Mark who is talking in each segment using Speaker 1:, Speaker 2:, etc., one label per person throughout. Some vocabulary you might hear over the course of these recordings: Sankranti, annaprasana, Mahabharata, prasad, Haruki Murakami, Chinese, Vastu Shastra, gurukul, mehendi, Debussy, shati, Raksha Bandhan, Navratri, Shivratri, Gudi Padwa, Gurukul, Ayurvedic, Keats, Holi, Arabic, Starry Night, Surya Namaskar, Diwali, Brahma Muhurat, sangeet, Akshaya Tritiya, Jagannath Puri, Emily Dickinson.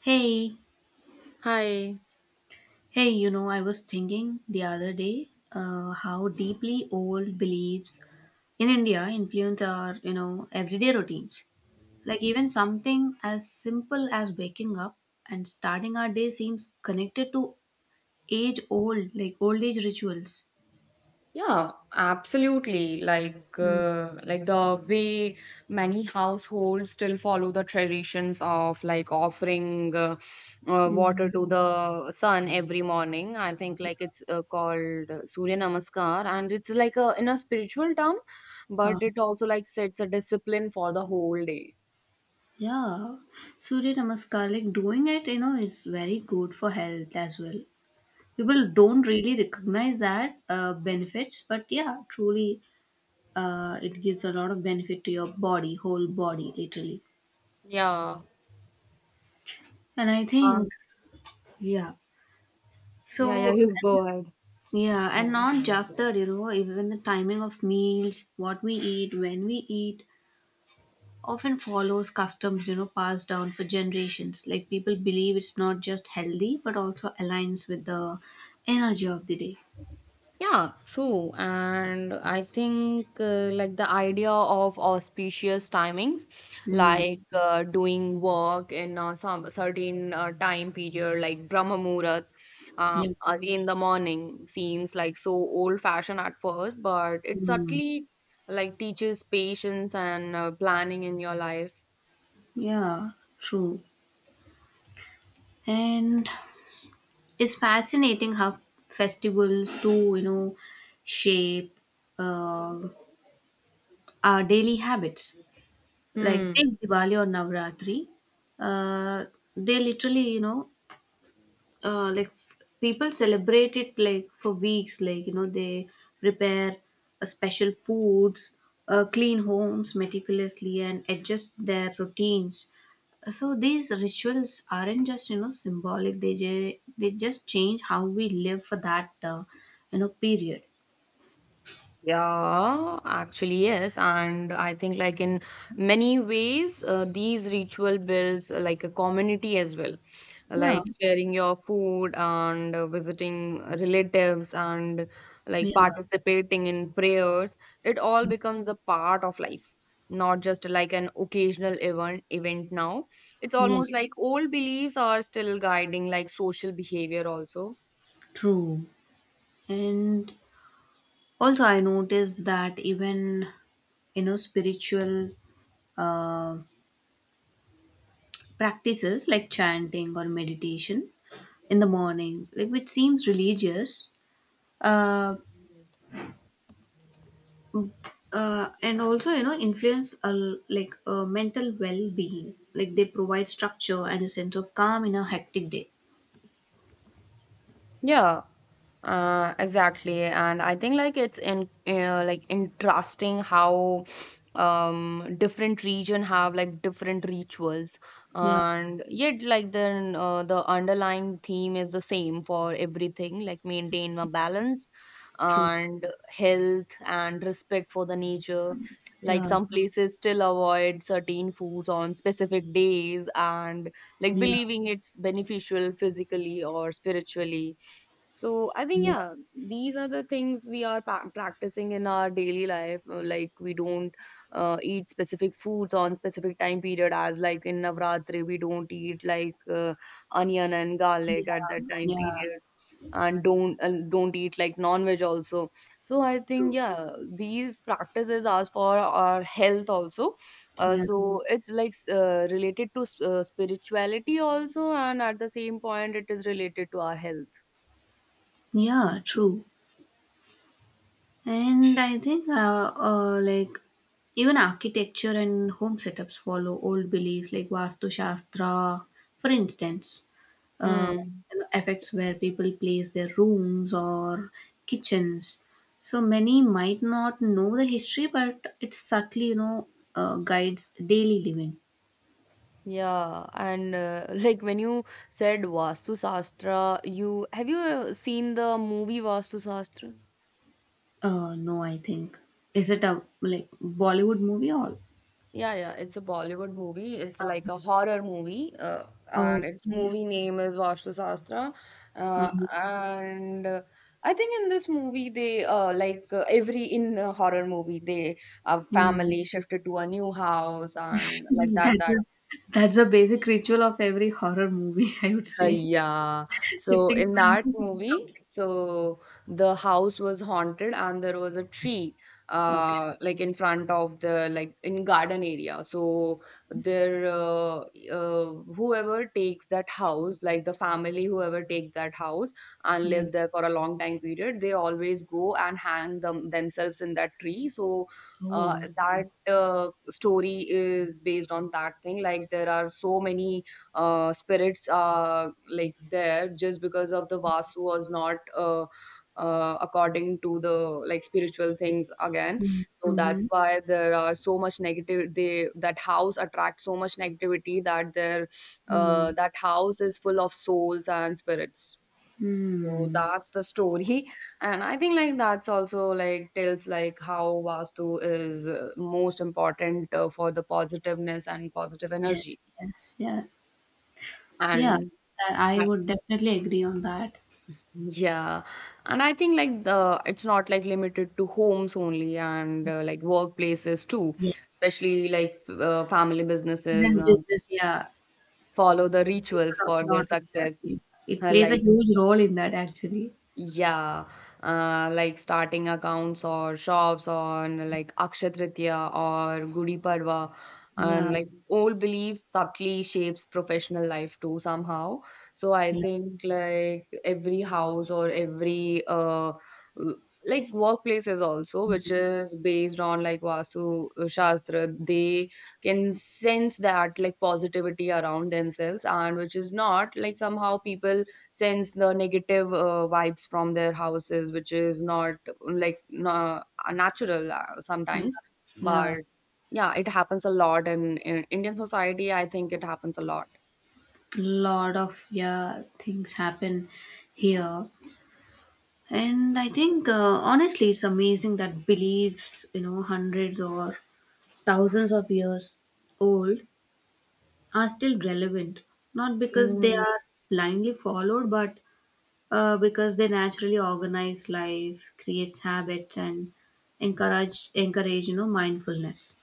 Speaker 1: Hey,
Speaker 2: Hi.
Speaker 1: hey, I was thinking the other day, how deeply old beliefs in India influence our, you know, everyday routines. Like even something as simple as waking up and starting our day seems connected to like old age rituals.
Speaker 2: Yeah, absolutely. Like,
Speaker 1: Mm.
Speaker 2: uh, like the way many households still follow the traditions of like offering water
Speaker 1: Mm.
Speaker 2: to the sun every morning. I think like it's called Surya Namaskar, and it's like a in a spiritual term,
Speaker 1: uh,
Speaker 2: but it also like sets a discipline for the whole day.
Speaker 1: yeah, Surya Namaskar, like doing it is very good for health as well. People don't really recognize that benefits, but yeah, truly, it gives a lot of benefit to your body, whole body, literally.
Speaker 2: Yeah.
Speaker 1: And I
Speaker 2: Uh,
Speaker 1: think, yeah.
Speaker 2: yeah, yeah.
Speaker 1: So,
Speaker 2: You go ahead.
Speaker 1: yeah, and not just that, even the timing of meals, what we eat, when we eat, often follows customs passed down for generations. Like people believe it's not just healthy, but also aligns with the energy of the day.
Speaker 2: Yeah, true. And I think like the idea of auspicious timings,
Speaker 1: Mm.
Speaker 2: like doing work in some certain time period, like Brahma Muhurat,
Speaker 1: Yeah.
Speaker 2: early in the morning, seems like so old-fashioned at first, but it
Speaker 1: Mm.
Speaker 2: subtly like teaches patience and planning in your life.
Speaker 1: Yeah, true. And it's fascinating how festivals do shape uh, our daily habits. Like
Speaker 2: Hmm.
Speaker 1: take Diwali or Navratri, uh, they literally, like people celebrate it like for weeks, like they prepare a special foods, clean homes meticulously, and adjust their routines. So these rituals aren't just symbolic, they just change how we live for that period.
Speaker 2: Yeah, actually, yes. And I think, like, in many ways, these ritual builds like a community as well,
Speaker 1: Yeah,
Speaker 2: like sharing your food and visiting relatives and like
Speaker 1: yeah,
Speaker 2: participating in prayers. It all becomes a part of life, not just like an occasional event now. It's
Speaker 1: yeah,
Speaker 2: almost like old beliefs are still guiding like social behavior also.
Speaker 1: true. And also I noticed that even spiritual uh, practices like chanting or meditation in the morning, like which seems religious, uh, and also influence, like a mental well-being. Like they provide structure and a sense of calm in a hectic day.
Speaker 2: Yeah, exactly. And I think like it's in like interesting how different region have like different rituals,
Speaker 1: Yeah,
Speaker 2: and yet like then the underlying theme is the same for everything, like maintain a balance
Speaker 1: true.
Speaker 2: and health and respect for the nature. Like
Speaker 1: Yeah,
Speaker 2: some places still avoid certain foods on specific days and like
Speaker 1: yeah,
Speaker 2: believing it's beneficial physically or spiritually. So I think
Speaker 1: yeah,
Speaker 2: yeah, these are the things we are practicing in our daily life. Like we don't eat specific foods on specific time period, as like in Navratri we don't eat like onion and garlic at that
Speaker 1: yeah,
Speaker 2: time
Speaker 1: yeah,
Speaker 2: period, and don't eat like non-veg also. So I think
Speaker 1: true.
Speaker 2: yeah, these practices are for our health also.
Speaker 1: Yeah,
Speaker 2: So it's like related to spirituality also, and at the same point it is related to our health.
Speaker 1: yeah, true. And I think, like, even architecture and home setups follow old beliefs like Vastu Shastra, for instance, uh,
Speaker 2: Hmm.
Speaker 1: affects where people place their rooms or kitchens. So many might not know the history, but it subtly, guides daily living.
Speaker 2: Yeah, and like when you said Vastu Shastra, you have you seen the movie Vastu Shastra?
Speaker 1: No, I think. Is it a like Bollywood movie or?
Speaker 2: Yeah, yeah, it's a Bollywood movie. It's like a horror movie, and
Speaker 1: Oh,
Speaker 2: its
Speaker 1: yeah.
Speaker 2: movie name is Vastu Shastra.
Speaker 1: Um,
Speaker 2: And I think in this movie, they like every in a horror movie, they a
Speaker 1: hmm.
Speaker 2: family shifted to a new house, and like that
Speaker 1: That's
Speaker 2: that
Speaker 1: a that's a basic ritual of every horror movie, I would say.
Speaker 2: Yeah. So
Speaker 1: Shifting to
Speaker 2: in
Speaker 1: a new
Speaker 2: that
Speaker 1: home
Speaker 2: movie,
Speaker 1: completely.
Speaker 2: so the house was haunted, and there was a tree
Speaker 1: Okay.
Speaker 2: like in front of the like in garden area. So there whoever takes that house, like the family whoever take that house and
Speaker 1: Yeah.
Speaker 2: live there for a long time period, they always go and hang them themselves in that tree. So
Speaker 1: Oh. Okay.
Speaker 2: that story is based on that thing. Like there are so many spirits are like there just because of the vasu was not according to the like spiritual things again,
Speaker 1: Mm.
Speaker 2: so that's
Speaker 1: Mhm.
Speaker 2: why there are so much negative, they, that house attracts so much negativity, that their
Speaker 1: Mm.
Speaker 2: that house is full of souls and spirits. So
Speaker 1: Mm.
Speaker 2: that's the story. And I think like that's also like tells like how vastu is most important for the positiveness and positive
Speaker 1: Yes.
Speaker 2: energy.
Speaker 1: Yes. Yeah. Yeah.
Speaker 2: And
Speaker 1: That I
Speaker 2: I
Speaker 1: would definitely agree on that.
Speaker 2: Yeah, and I think like the it's not like limited to homes only, and like workplaces too,
Speaker 1: Yes.
Speaker 2: especially like family businesses
Speaker 1: Even business. Yeah.
Speaker 2: follow the
Speaker 1: It's
Speaker 2: rituals
Speaker 1: a lot,
Speaker 2: for
Speaker 1: lot
Speaker 2: their
Speaker 1: of
Speaker 2: success,
Speaker 1: ERP. It
Speaker 2: uh,
Speaker 1: plays a
Speaker 2: like
Speaker 1: huge role in that actually.
Speaker 2: yeah, like starting accounts or shops on like Akshaya Tritiya or Gudi Padwa, and
Speaker 1: Yeah.
Speaker 2: like old beliefs subtly shapes professional life too somehow. So I
Speaker 1: Yeah.
Speaker 2: think like every house or every w- like workplaces also, which is based on like Vastu Shastra, they can sense that like positivity around themselves, and which is not like somehow people sends the negative vibes from their houses, which is not like na natural
Speaker 1: Yeah.
Speaker 2: sometimes.
Speaker 1: Yeah.
Speaker 2: But yeah, it happens a lot in Indian society. I think it happens a lot.
Speaker 1: Lot of, yeah, things happen here. And I think, honestly, it's amazing that beliefs hundreds or thousands of years old are still relevant. Not because they are blindly followed, but because they naturally organize life, creates habits, and encourage mindfulness.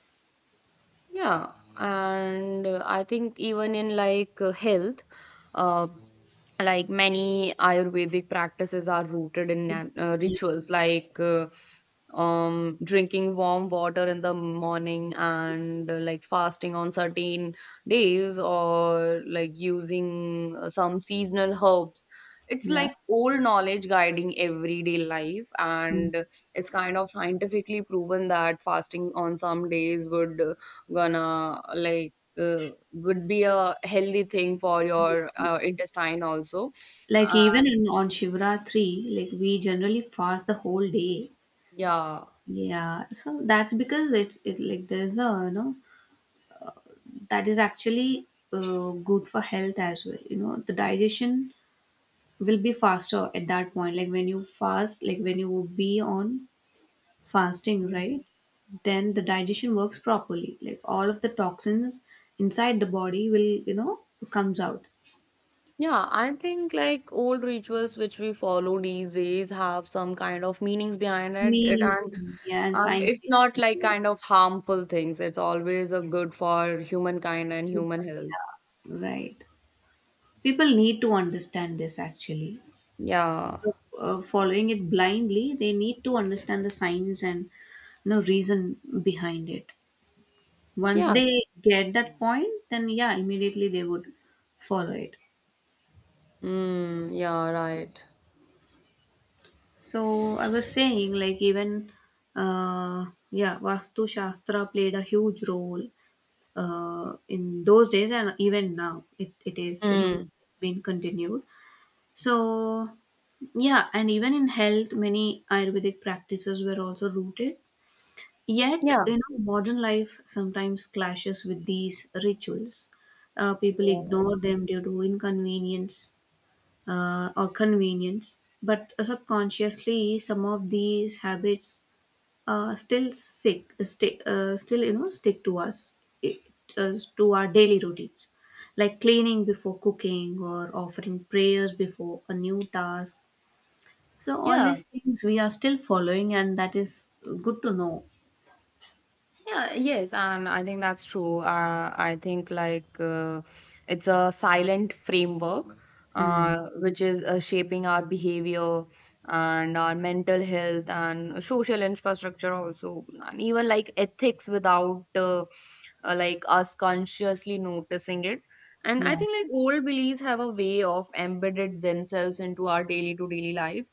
Speaker 2: Yeah, and I think even in like health, uh, like many Ayurvedic practices are rooted in
Speaker 1: Yeah,
Speaker 2: rituals like drinking warm water in the morning and like fasting on certain days or like using some seasonal herbs. It's
Speaker 1: yeah.
Speaker 2: like old knowledge guiding everyday life,
Speaker 1: Mm.
Speaker 2: and it's kind of scientifically proven that fasting on some days would gonna like would be a healthy thing for your intestine also.
Speaker 1: Like even
Speaker 2: And
Speaker 1: in on Shivratri, like we generally fast the whole day.
Speaker 2: yeah.
Speaker 1: Yeah, so that's because it's it like there's a, that is actually, good for health as well. You know the digestion will be faster at that point, like when you fast, like when you would be on fasting,
Speaker 2: Mhm.
Speaker 1: right? Then the digestion works properly, like all of the toxins inside the body will, you know, comes out.
Speaker 2: Yeah, I think like old rituals which we follow these days have some kind of meanings behind it, and
Speaker 1: Yeah, and science
Speaker 2: it's
Speaker 1: behind
Speaker 2: not like
Speaker 1: it.
Speaker 2: kind of harmful things. It's always a good for humankind and human health.
Speaker 1: Yeah. Right, people need to understand this actually.
Speaker 2: Yeah,
Speaker 1: Following it blindly, they need to understand the science and reason behind it. Once
Speaker 2: yeah,
Speaker 1: they get that point, then yeah, immediately they would follow it.
Speaker 2: mm, yeah, right.
Speaker 1: So I was saying, like, even uh yeah, Vastu Shastra played a huge role in those days, and even now it is
Speaker 2: Mm.
Speaker 1: it's been continued. So yeah, and even in health many Ayurvedic practices were also rooted. Yet
Speaker 2: Yeah,
Speaker 1: modern life sometimes clashes with these rituals. People
Speaker 2: yeah,
Speaker 1: ignore them due to inconvenience, or convenience, but subconsciously, some of these habits still stick to us, it, to our daily routines, like cleaning before cooking or offering prayers before a new task. So all
Speaker 2: yeah.
Speaker 1: these things we are still following, and that is good to know.
Speaker 2: Yeah, yes, and I think that's true. I think like it's a silent framework
Speaker 1: Hmm.
Speaker 2: which is shaping our behavior and our mental health and social infrastructure also, and even like ethics without like us consciously noticing it. And I
Speaker 1: Yeah.
Speaker 2: think like old beliefs have a way of embedded themselves into our daily to daily life,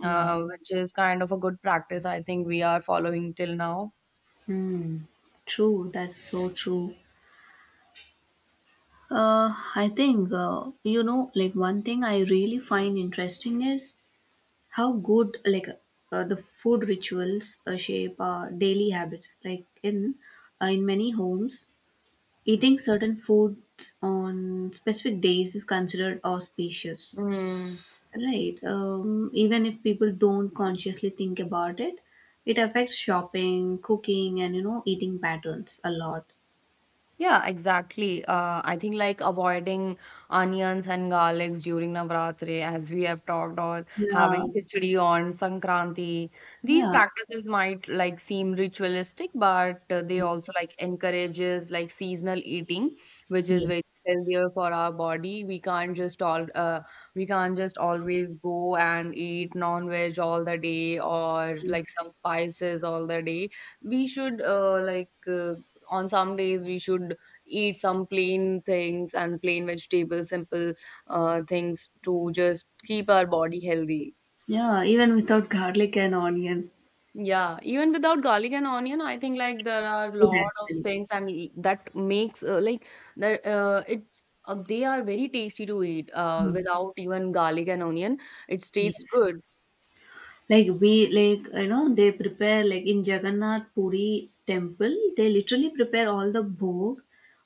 Speaker 1: Yeah.
Speaker 2: which is kind of a good practice I think we are following till now.
Speaker 1: Hmm. True. That's so true. I think, like one thing I really find interesting is how good, like the food rituals shape our daily habits. Like in, many homes, eating certain foods on specific days is considered auspicious,
Speaker 2: Mm.
Speaker 1: right? Even if people don't consciously think about it, it affects shopping, cooking, and eating patterns a lot.
Speaker 2: Yeah, exactly. I think like avoiding onions and garlics during Navratri, as we have talked, or
Speaker 1: Yeah,
Speaker 2: having khichdi on Sankranti. These
Speaker 1: yeah.
Speaker 2: practices might like seem ritualistic, but they
Speaker 1: Mm.
Speaker 2: also like encourages like seasonal eating, which is
Speaker 1: Yes,
Speaker 2: very healthier for our body. We can't just always go and eat non-veg all the day or
Speaker 1: yeah,
Speaker 2: like some spices all the day. We should like. On some days, we should eat some plain things and plain vegetables, simple things to just keep our body healthy.
Speaker 1: yeah, even without garlic and onion,
Speaker 2: Yeah, even without garlic and onion, I think like there are a
Speaker 1: good
Speaker 2: lot of
Speaker 1: actually.
Speaker 2: things and that makes like that it's they are very tasty to eat
Speaker 1: Mm.
Speaker 2: without even garlic and onion. It
Speaker 1: Yes,
Speaker 2: tastes
Speaker 1: yeah.
Speaker 2: good.
Speaker 1: Like they prepare like in Jagannath Puri temple, they literally prepare all the bhog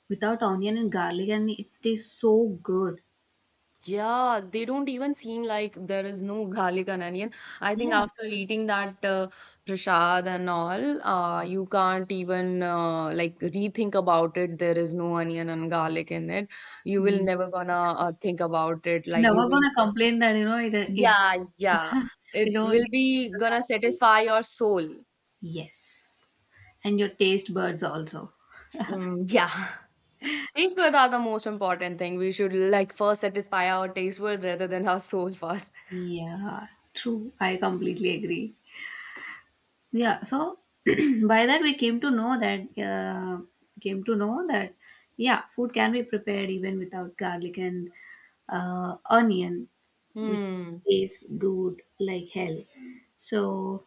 Speaker 1: without onion and garlic, and it tastes so good.
Speaker 2: Yeah, they don't even seem like there is no garlic and onion. I think
Speaker 1: Yeah.
Speaker 2: after eating that prasad and all, you can't even like rethink about it. There is no onion and garlic in it. You will
Speaker 1: mm.
Speaker 2: never gonna think about it. Like you
Speaker 1: Never
Speaker 2: will,
Speaker 1: gonna complain that it
Speaker 2: yeah, yeah.
Speaker 1: you
Speaker 2: It
Speaker 1: know.
Speaker 2: will be gonna satisfy your soul.
Speaker 1: Yes, and your taste buds also.
Speaker 2: Mm, yeah. Taste buds are the most important thing. We should like first satisfy our taste bud rather than our soul first.
Speaker 1: Yeah, true. I completely agree. Yeah, so by that we came to know that, came to know that yeah, food can be prepared even without garlic and onion, which
Speaker 2: Hmm.
Speaker 1: tastes good like hell. So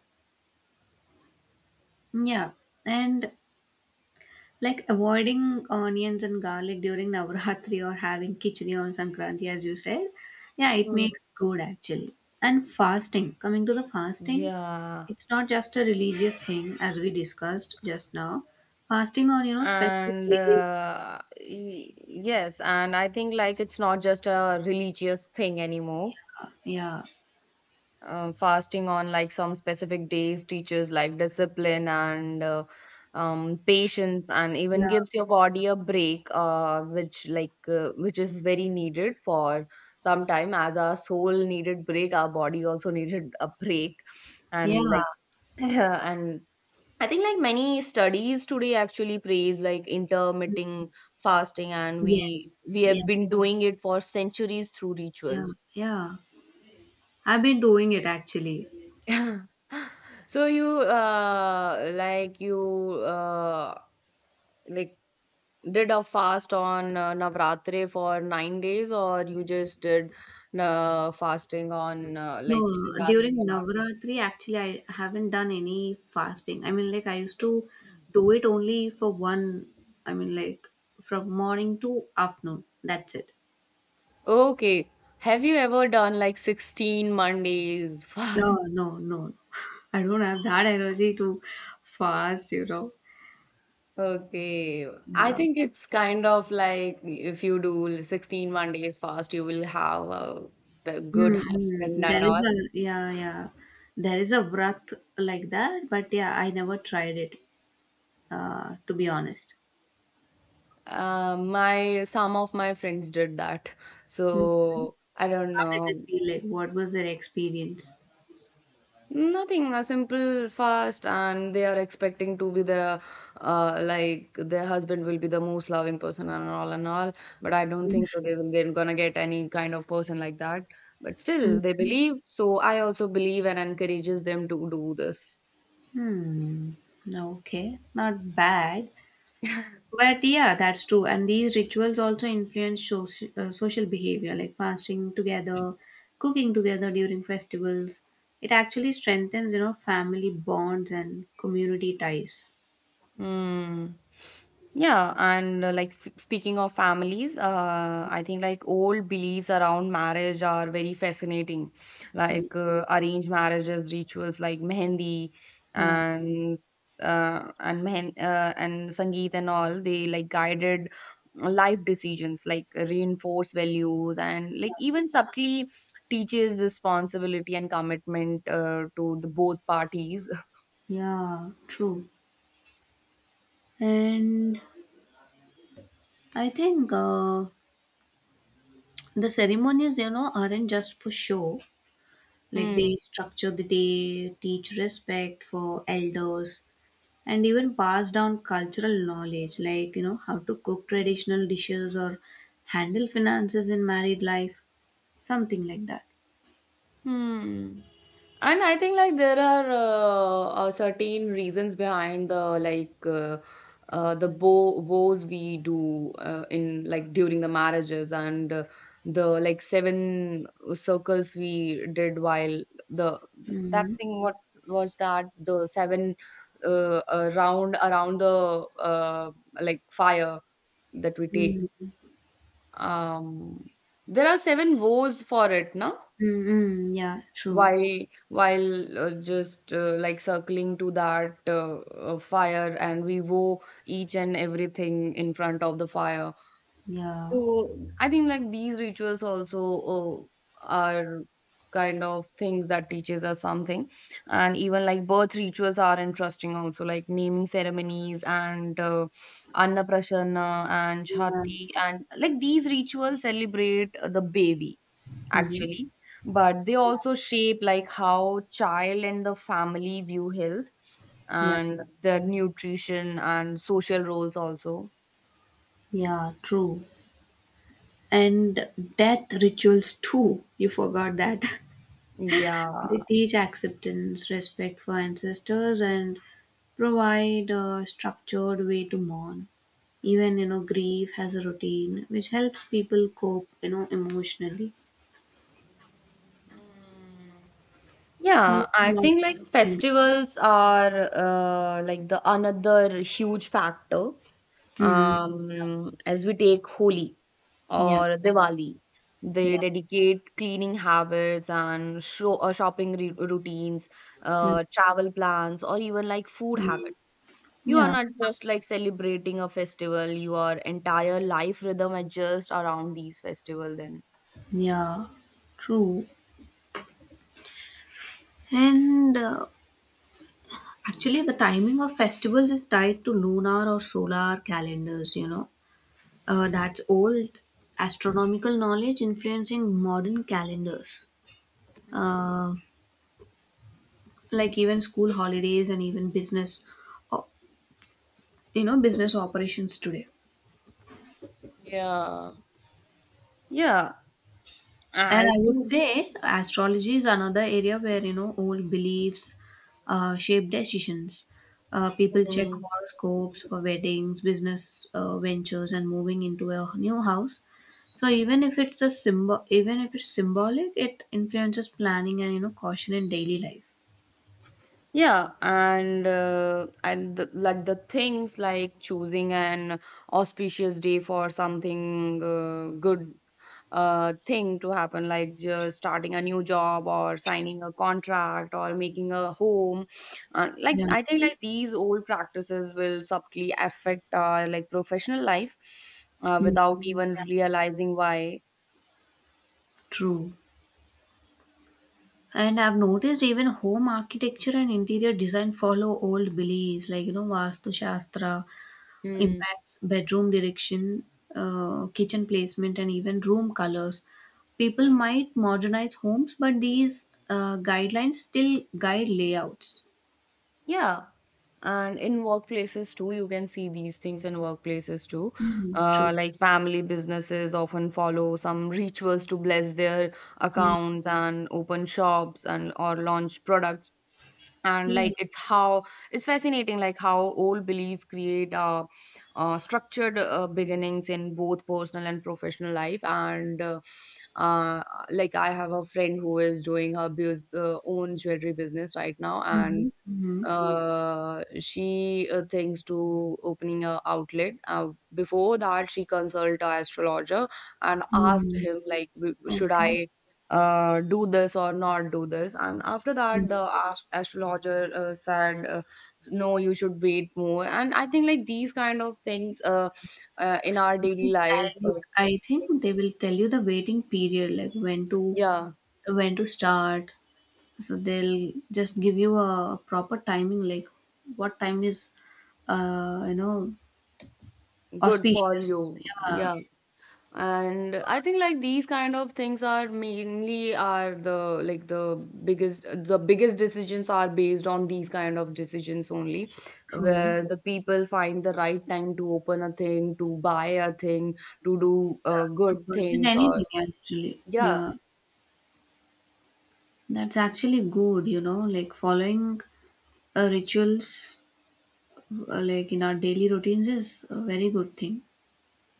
Speaker 1: yeah, and like avoiding onions and garlic during Navratri or having khichdi on Sankranti, as you said, yeah, it
Speaker 2: Hmm.
Speaker 1: makes good actually. And fasting, coming to the fasting,
Speaker 2: Yeah.
Speaker 1: it's not just a religious thing as we discussed just now. Fasting on, specific
Speaker 2: And
Speaker 1: days.
Speaker 2: yes, and I think like it's not just a religious thing anymore.
Speaker 1: Yeah,
Speaker 2: Fasting on like some specific days teaches like discipline and patience and even
Speaker 1: yeah,
Speaker 2: gives your body a break, which is very needed for some time, as our soul needed break, our body also needed a break,
Speaker 1: yeah.
Speaker 2: and like and I think like many studies today actually praise like intermittent fasting, and we
Speaker 1: Yes,
Speaker 2: we have
Speaker 1: yeah,
Speaker 2: been doing it for centuries through
Speaker 1: yeah,
Speaker 2: rituals.
Speaker 1: yeah. I've been doing it actually.
Speaker 2: So you uh like you uh like did a fast on Navratri for 9 days, or you just did fasting on
Speaker 1: No,
Speaker 2: like
Speaker 1: no, no.
Speaker 2: Shivratri
Speaker 1: During
Speaker 2: and
Speaker 1: Navratri, actually, I haven't done any fasting. I mean, like, I used to do it only for one. I mean, like, from morning to afternoon. That's it.
Speaker 2: all? Okay. Have you ever done like 16 Mondays
Speaker 1: No,
Speaker 2: fast?
Speaker 1: no, no. I don't have that energy to fast, you know.
Speaker 2: Okay, I
Speaker 1: Yeah.
Speaker 2: think it's kind of like if you do 16 one days fast, you will have a good husband
Speaker 1: Mm-hmm.
Speaker 2: and
Speaker 1: There is
Speaker 2: all.
Speaker 1: a, yeah, yeah. There is a vrat like that, but yeah, I never tried it, to be honest.
Speaker 2: My some of my friends did that,
Speaker 1: Mm.
Speaker 2: so I don't
Speaker 1: How did it
Speaker 2: know.
Speaker 1: feel like? What was their experience?
Speaker 2: Nothing, a simple fast, and they are expecting to be their husband will be the most loving person and all and all. But I don't think so. They're gonna get any kind of person like that. But still, they believe. So I also believe and encourages them to do this.
Speaker 1: Hmm. Okay. Not bad. But yeah, that's true. And these rituals also influence social behavior, like fasting together, cooking together during festivals. It actually strengthens family bonds and community ties.
Speaker 2: Mm. Yeah, and like f speaking of families, I think like old beliefs around marriage are very fascinating,
Speaker 1: Y-
Speaker 2: like arranged marriages, rituals like mehendi
Speaker 1: Yeah,
Speaker 2: and and mehen and sangeet and all. They like guided life decisions, like reinforce values and like even subtly teaches responsibility and commitment to the both parties.
Speaker 1: yeah, true. And I think, the ceremonies aren't just for show. Like
Speaker 2: Hmm.
Speaker 1: they structure the day, teach respect for elders, and even pass down cultural knowledge, like how to cook traditional dishes or handle finances in married life, something like that.
Speaker 2: Hmm. And I think like there are certain reasons behind the like the bo vows we do in like during the marriages, and the like seven circles we did while the that
Speaker 1: Mm.
Speaker 2: thing, what was that, the seven round around the like fire that we take.
Speaker 1: Mm.
Speaker 2: Um, there are seven vows for it, na?
Speaker 1: Mm. Mm. Yeah, true.
Speaker 2: while while just like circling to that fire, and we woe each and everything in front of the fire.
Speaker 1: Yeah,
Speaker 2: So I think like these rituals also uh, are kind of things that teaches us something. And even like birth rituals are interesting also, like naming ceremonies and annaprasana and
Speaker 1: yeah.
Speaker 2: shati, and like these rituals celebrate the baby
Speaker 1: Yes,
Speaker 2: actually, but they also shape like how child and the family view health
Speaker 1: yeah,
Speaker 2: and their nutrition and social roles also.
Speaker 1: yeah, true. And death rituals too, you forgot that. They
Speaker 2: Yeah.
Speaker 1: teach acceptance, respect for ancestors, and provide a structured way to mourn. Even grief has a routine which helps people cope emotionally.
Speaker 2: Mm.
Speaker 1: So,
Speaker 2: Yeah, I
Speaker 1: yeah.
Speaker 2: think like festivals are like the another huge factor.
Speaker 1: Mm,
Speaker 2: As we take Holi
Speaker 1: yeah,
Speaker 2: or Diwali, they
Speaker 1: yeah.
Speaker 2: dedicate cleaning habits and show, shopping re routines,
Speaker 1: Mm.
Speaker 2: travel plans, or even like food
Speaker 1: Mm.
Speaker 2: habits. You are
Speaker 1: Yeah,
Speaker 2: not just like celebrating a festival, your entire life rhythm adjusts around these festival then.
Speaker 1: yeah, true. And, actually, the timing of festivals is tied to lunar or solar calendars, you know. That's old astronomical knowledge influencing modern calendars. Uh, like even school holidays and even business, o- business operations today.
Speaker 2: Yeah. Yeah,
Speaker 1: And
Speaker 2: I
Speaker 1: I would
Speaker 2: think.
Speaker 1: say astrology is another area where old beliefs shape decisions. People check
Speaker 2: um,
Speaker 1: horoscopes for weddings, business ventures, and moving into a new house. So even if it's a symbol, even if it's symbolic, it influences planning and caution in daily life.
Speaker 2: Yeah, and the, like the things like choosing an auspicious day for something good thing to happen, like just starting a new job or signing a contract or making a home. Like
Speaker 1: Yeah.
Speaker 2: I think like these old practices will subtly affect our like professional life
Speaker 1: Mm.
Speaker 2: without even realizing why.
Speaker 1: True. And I've noticed even home architecture and interior design follow old beliefs like, you know, Vastu Shastra
Speaker 2: Hmm.
Speaker 1: impacts bedroom direction, kitchen placement, and even room colors. People might modernize homes, but these guidelines still guide layouts.
Speaker 2: Yeah. And in workplaces too, you can see these things in workplaces too.
Speaker 1: Hmm. True.
Speaker 2: Like family businesses often follow some rituals to bless their
Speaker 1: Mm.
Speaker 2: accounts and open shops and or launch products. And
Speaker 1: Yeah.
Speaker 2: like it's how It's fascinating, like how old beliefs create structured beginnings in both personal and professional life. And uh, like I have a friend who is doing her own jewelry business right now, and
Speaker 1: Mm-hmm. Mm-hmm.
Speaker 2: she thinks to opening a outlet. Before that, she consult a astrologer and asked
Speaker 1: Mm.
Speaker 2: him like, should
Speaker 1: Okay.
Speaker 2: I do this or not do this? And after that,
Speaker 1: Mm.
Speaker 2: the astrologer said, no, you should wait more. And I think like these kind of things in our
Speaker 1: It
Speaker 2: daily
Speaker 1: is
Speaker 2: life,
Speaker 1: dialect. I think they will tell you the waiting period, like when to
Speaker 2: yeah,
Speaker 1: when to start, so they'll just give you a proper timing, like what time is uh you know
Speaker 2: good for you.
Speaker 1: auspicious, yeah.
Speaker 2: Yeah. And I think like these kind of things are mainly are the like the biggest decisions are based on these kind of decisions only,
Speaker 1: True,
Speaker 2: where the people find the right time to open a thing, to buy a thing, to do
Speaker 1: to
Speaker 2: good
Speaker 1: purchase
Speaker 2: things or
Speaker 1: anything actually.
Speaker 2: yeah.
Speaker 1: Yeah, that's actually good, you know, like following rituals like in our daily routines is a very good thing,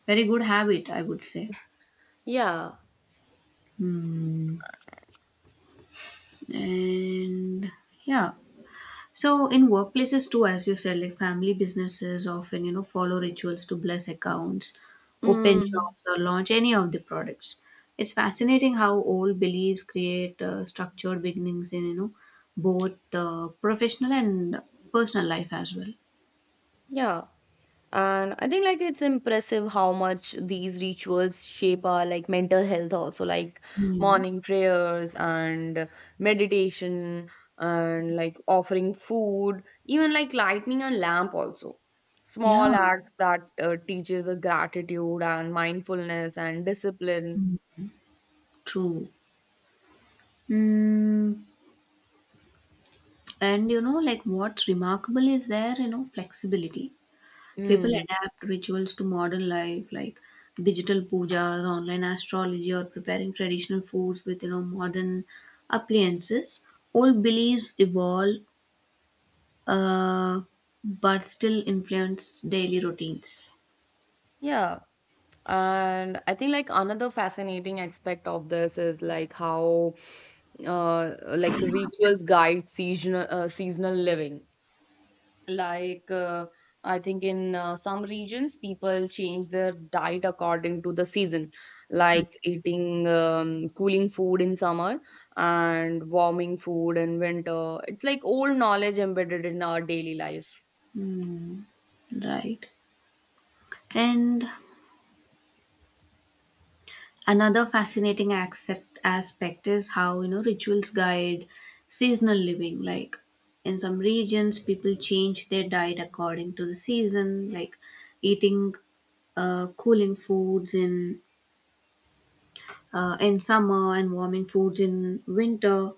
Speaker 1: very good habit, I would say.
Speaker 2: Yeah.
Speaker 1: Hmm. And yeah, so in workplaces too, as you said, like family businesses often follow rituals to bless accounts, open
Speaker 2: mm,
Speaker 1: shops or launch any of the products. It's fascinating how old beliefs create structured beginnings in, both professional and personal life as well.
Speaker 2: yeah, and I think like it's impressive how much these rituals shape our like mental health also, like
Speaker 1: Hmm.
Speaker 2: morning prayers and meditation and like offering food, even like lighting a lamp also,
Speaker 1: Yeah,
Speaker 2: small acts that teaches a gratitude and mindfulness and discipline.
Speaker 1: true. Mm, and like what's remarkable is their, you know, flexibility. People
Speaker 2: Mm.
Speaker 1: adapt rituals to modern life, like digital pujas, online astrology, or preparing traditional foods with modern appliances. Old beliefs evolve, uh, but still influence daily routines.
Speaker 2: Yeah. And I think like another fascinating aspect of this is like how like rituals guide seasonal living. Like uh, I think in some regions, people change their diet according to the season, like eating cooling food in summer and warming food in winter. It's like old knowledge embedded in our daily life.
Speaker 1: Hmm. Right. And another fascinating accept aspect is how rituals guide seasonal living. Like in some regions, people change their diet according to the season, like eating cooling foods in summer and warming foods in winter.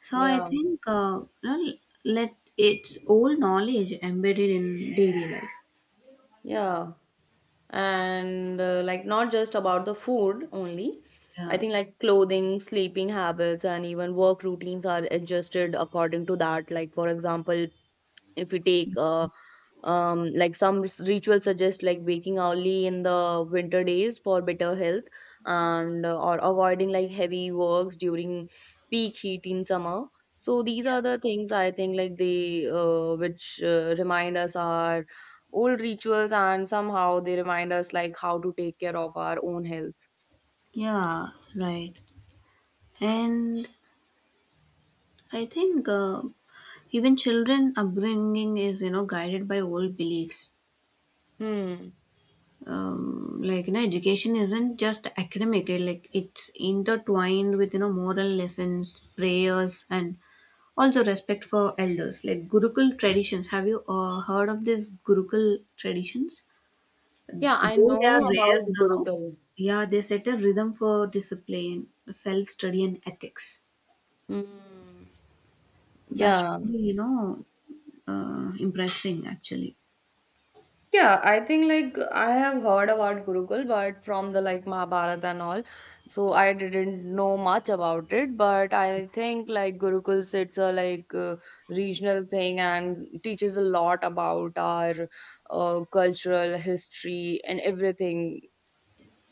Speaker 1: So I
Speaker 2: Yeah,
Speaker 1: think, you know, let it's old knowledge embedded in daily life.
Speaker 2: yeah. And like not just about the food only. I
Speaker 1: Yeah,
Speaker 2: think like clothing, sleeping habits, and even work routines are adjusted according to that. Like for example, if we take like some rituals suggest like waking early in the winter days for better health, and or avoiding like heavy works during peak heat in summer. So these are the things, I think, like they which remind us our old rituals and somehow they remind us like how to take care of our own health.
Speaker 1: yeah, right. And I think. Even children upbringing is guided by old beliefs.
Speaker 2: Hmm.
Speaker 1: Like education isn't just academic, like it's intertwined with moral lessons, prayers, and also respect for elders, like gurukul traditions. Have you heard of these gurukul traditions,
Speaker 2: Yeah, I
Speaker 1: though
Speaker 2: know
Speaker 1: they are rare
Speaker 2: about
Speaker 1: now?
Speaker 2: gurukul.
Speaker 1: Yeah, they set a rhythm for discipline, self study, and ethics.
Speaker 2: Hmm.
Speaker 1: That's
Speaker 2: Yeah.
Speaker 1: really, impressing actually.
Speaker 2: Yeah, I think like I have heard about Gurukul, but from the like Mahabharata and all, so I didn't know much about it. But I think like Gurukul, it's a like regional thing and teaches a lot about our cultural history and everything.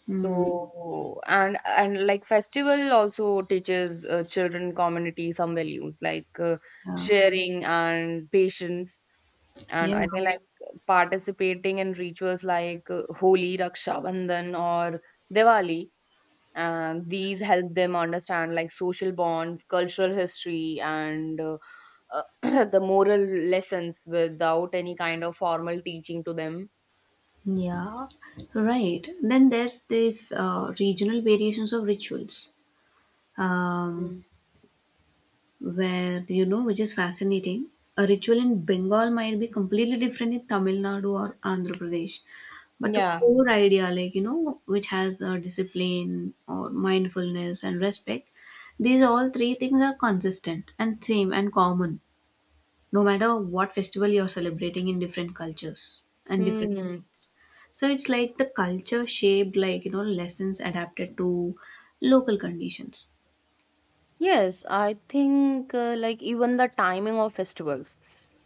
Speaker 1: Mm.
Speaker 2: So and like festival also teaches children community some values, like
Speaker 1: Yeah,
Speaker 2: sharing and patience, and
Speaker 1: yeah.
Speaker 2: I think like participating in rituals like Holi, Raksha Bandhan, or Diwali, and these help them understand like social bonds, cultural history, and uh, the moral lessons without any kind of formal teaching to them.
Speaker 1: Yeah, right. Then there's this regional variations of rituals, um,
Speaker 2: Mm.
Speaker 1: where which is fascinating. A ritual in Bengal might be completely different in Tamil Nadu or Andhra Pradesh, but the
Speaker 2: Yeah.
Speaker 1: core idea, like which has discipline or mindfulness and respect, these all three things are consistent and same and common, no matter what festival you're celebrating in different cultures and different
Speaker 2: Hmm.
Speaker 1: states. So it's like the culture shaped, like lessons adapted to local conditions.
Speaker 2: Yes, I think like even the timing of festivals,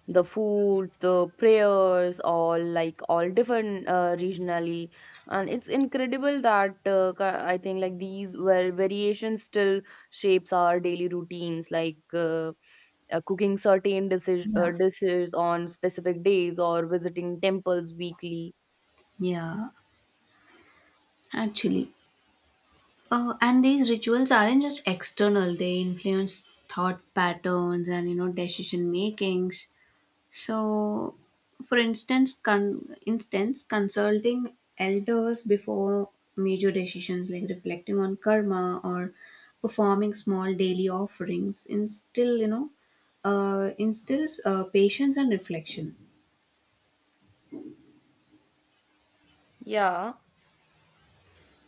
Speaker 2: the food, the prayers, all like all different regionally, and it's incredible that I think like these were variations still shapes our daily routines, like cooking certain dishes,
Speaker 1: Yeah,
Speaker 2: dishes on specific days or visiting temples weekly.
Speaker 1: yeah, actually. And these rituals aren't just external, they influence thought patterns and decision makings. So, for instance, consulting elders before major decisions, like reflecting on karma or performing small daily offerings, instills patience and reflection.
Speaker 2: Yeah.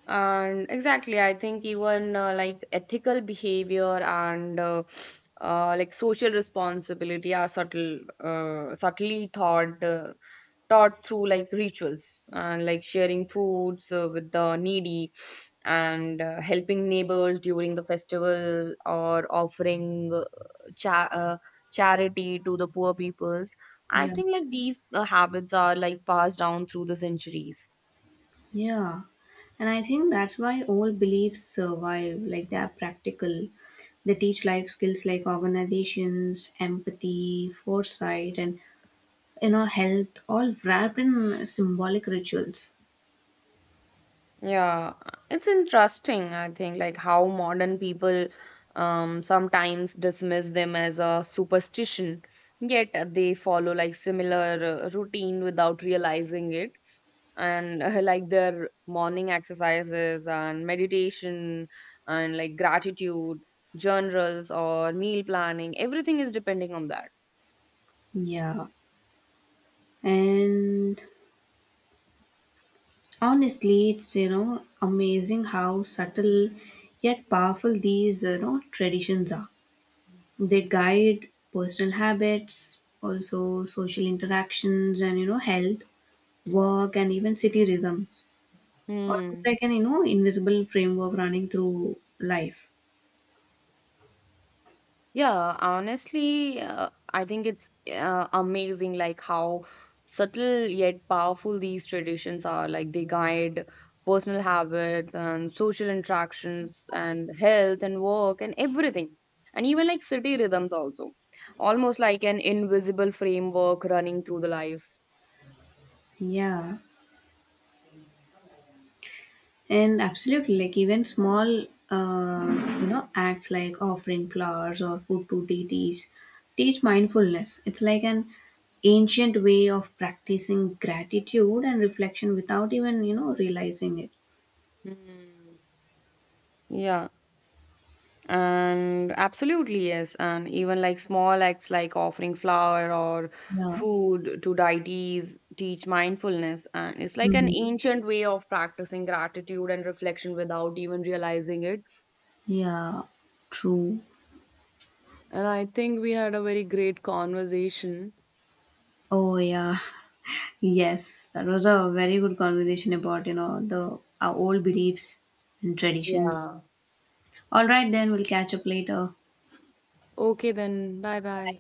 Speaker 2: And exactly, I think even like ethical behavior and like social responsibility are subtle subtly taught through like rituals and like sharing foods with the needy and helping neighbors during the festival or offering cha- uh, charity to the poor peoples. I
Speaker 1: Yeah,
Speaker 2: think like these habits are like passed down through the centuries.
Speaker 1: yeah, and I think that's why old beliefs survive. Like they are practical. They teach life skills like organizations, empathy, foresight, and health, all wrapped in symbolic rituals.
Speaker 2: Yeah, it's interesting, I think, like how modern people sometimes dismiss them as a superstition, yet they follow like similar routine without realizing it. And like their morning exercises and meditation and like gratitude journals or meal planning, everything is depending on that.
Speaker 1: Yeah, and honestly it's amazing how subtle yet powerful these traditions are. They guide personal habits, also social interactions, and health, work, and even city rhythms, almost
Speaker 2: Hmm.
Speaker 1: like an invisible framework running through life.
Speaker 2: Yeah, honestly, I think it's amazing like how subtle yet powerful these traditions are. Like they guide personal habits and social interactions and health and work and everything. And even like city rhythms also. Almost like an invisible framework running through the life.
Speaker 1: Yeah. And absolutely, like even small, acts like offering flowers or food to deities teach mindfulness. It's like an ancient way of practicing gratitude and reflection without even realizing it.
Speaker 2: Yeah. And absolutely, yes. And even like small acts like offering flower or
Speaker 1: Yeah.
Speaker 2: food to deities teach mindfulness. And it's like an
Speaker 1: Mhm.
Speaker 2: ancient way of practicing gratitude and reflection without even realizing it.
Speaker 1: Yeah, true.
Speaker 2: And I think we had a very great conversation.
Speaker 1: Oh, yeah. Yes, that was a very good conversation about the our old beliefs and traditions.
Speaker 2: Yeah.
Speaker 1: All right, then we'll catch up later.
Speaker 2: Okay, then. Bye bye.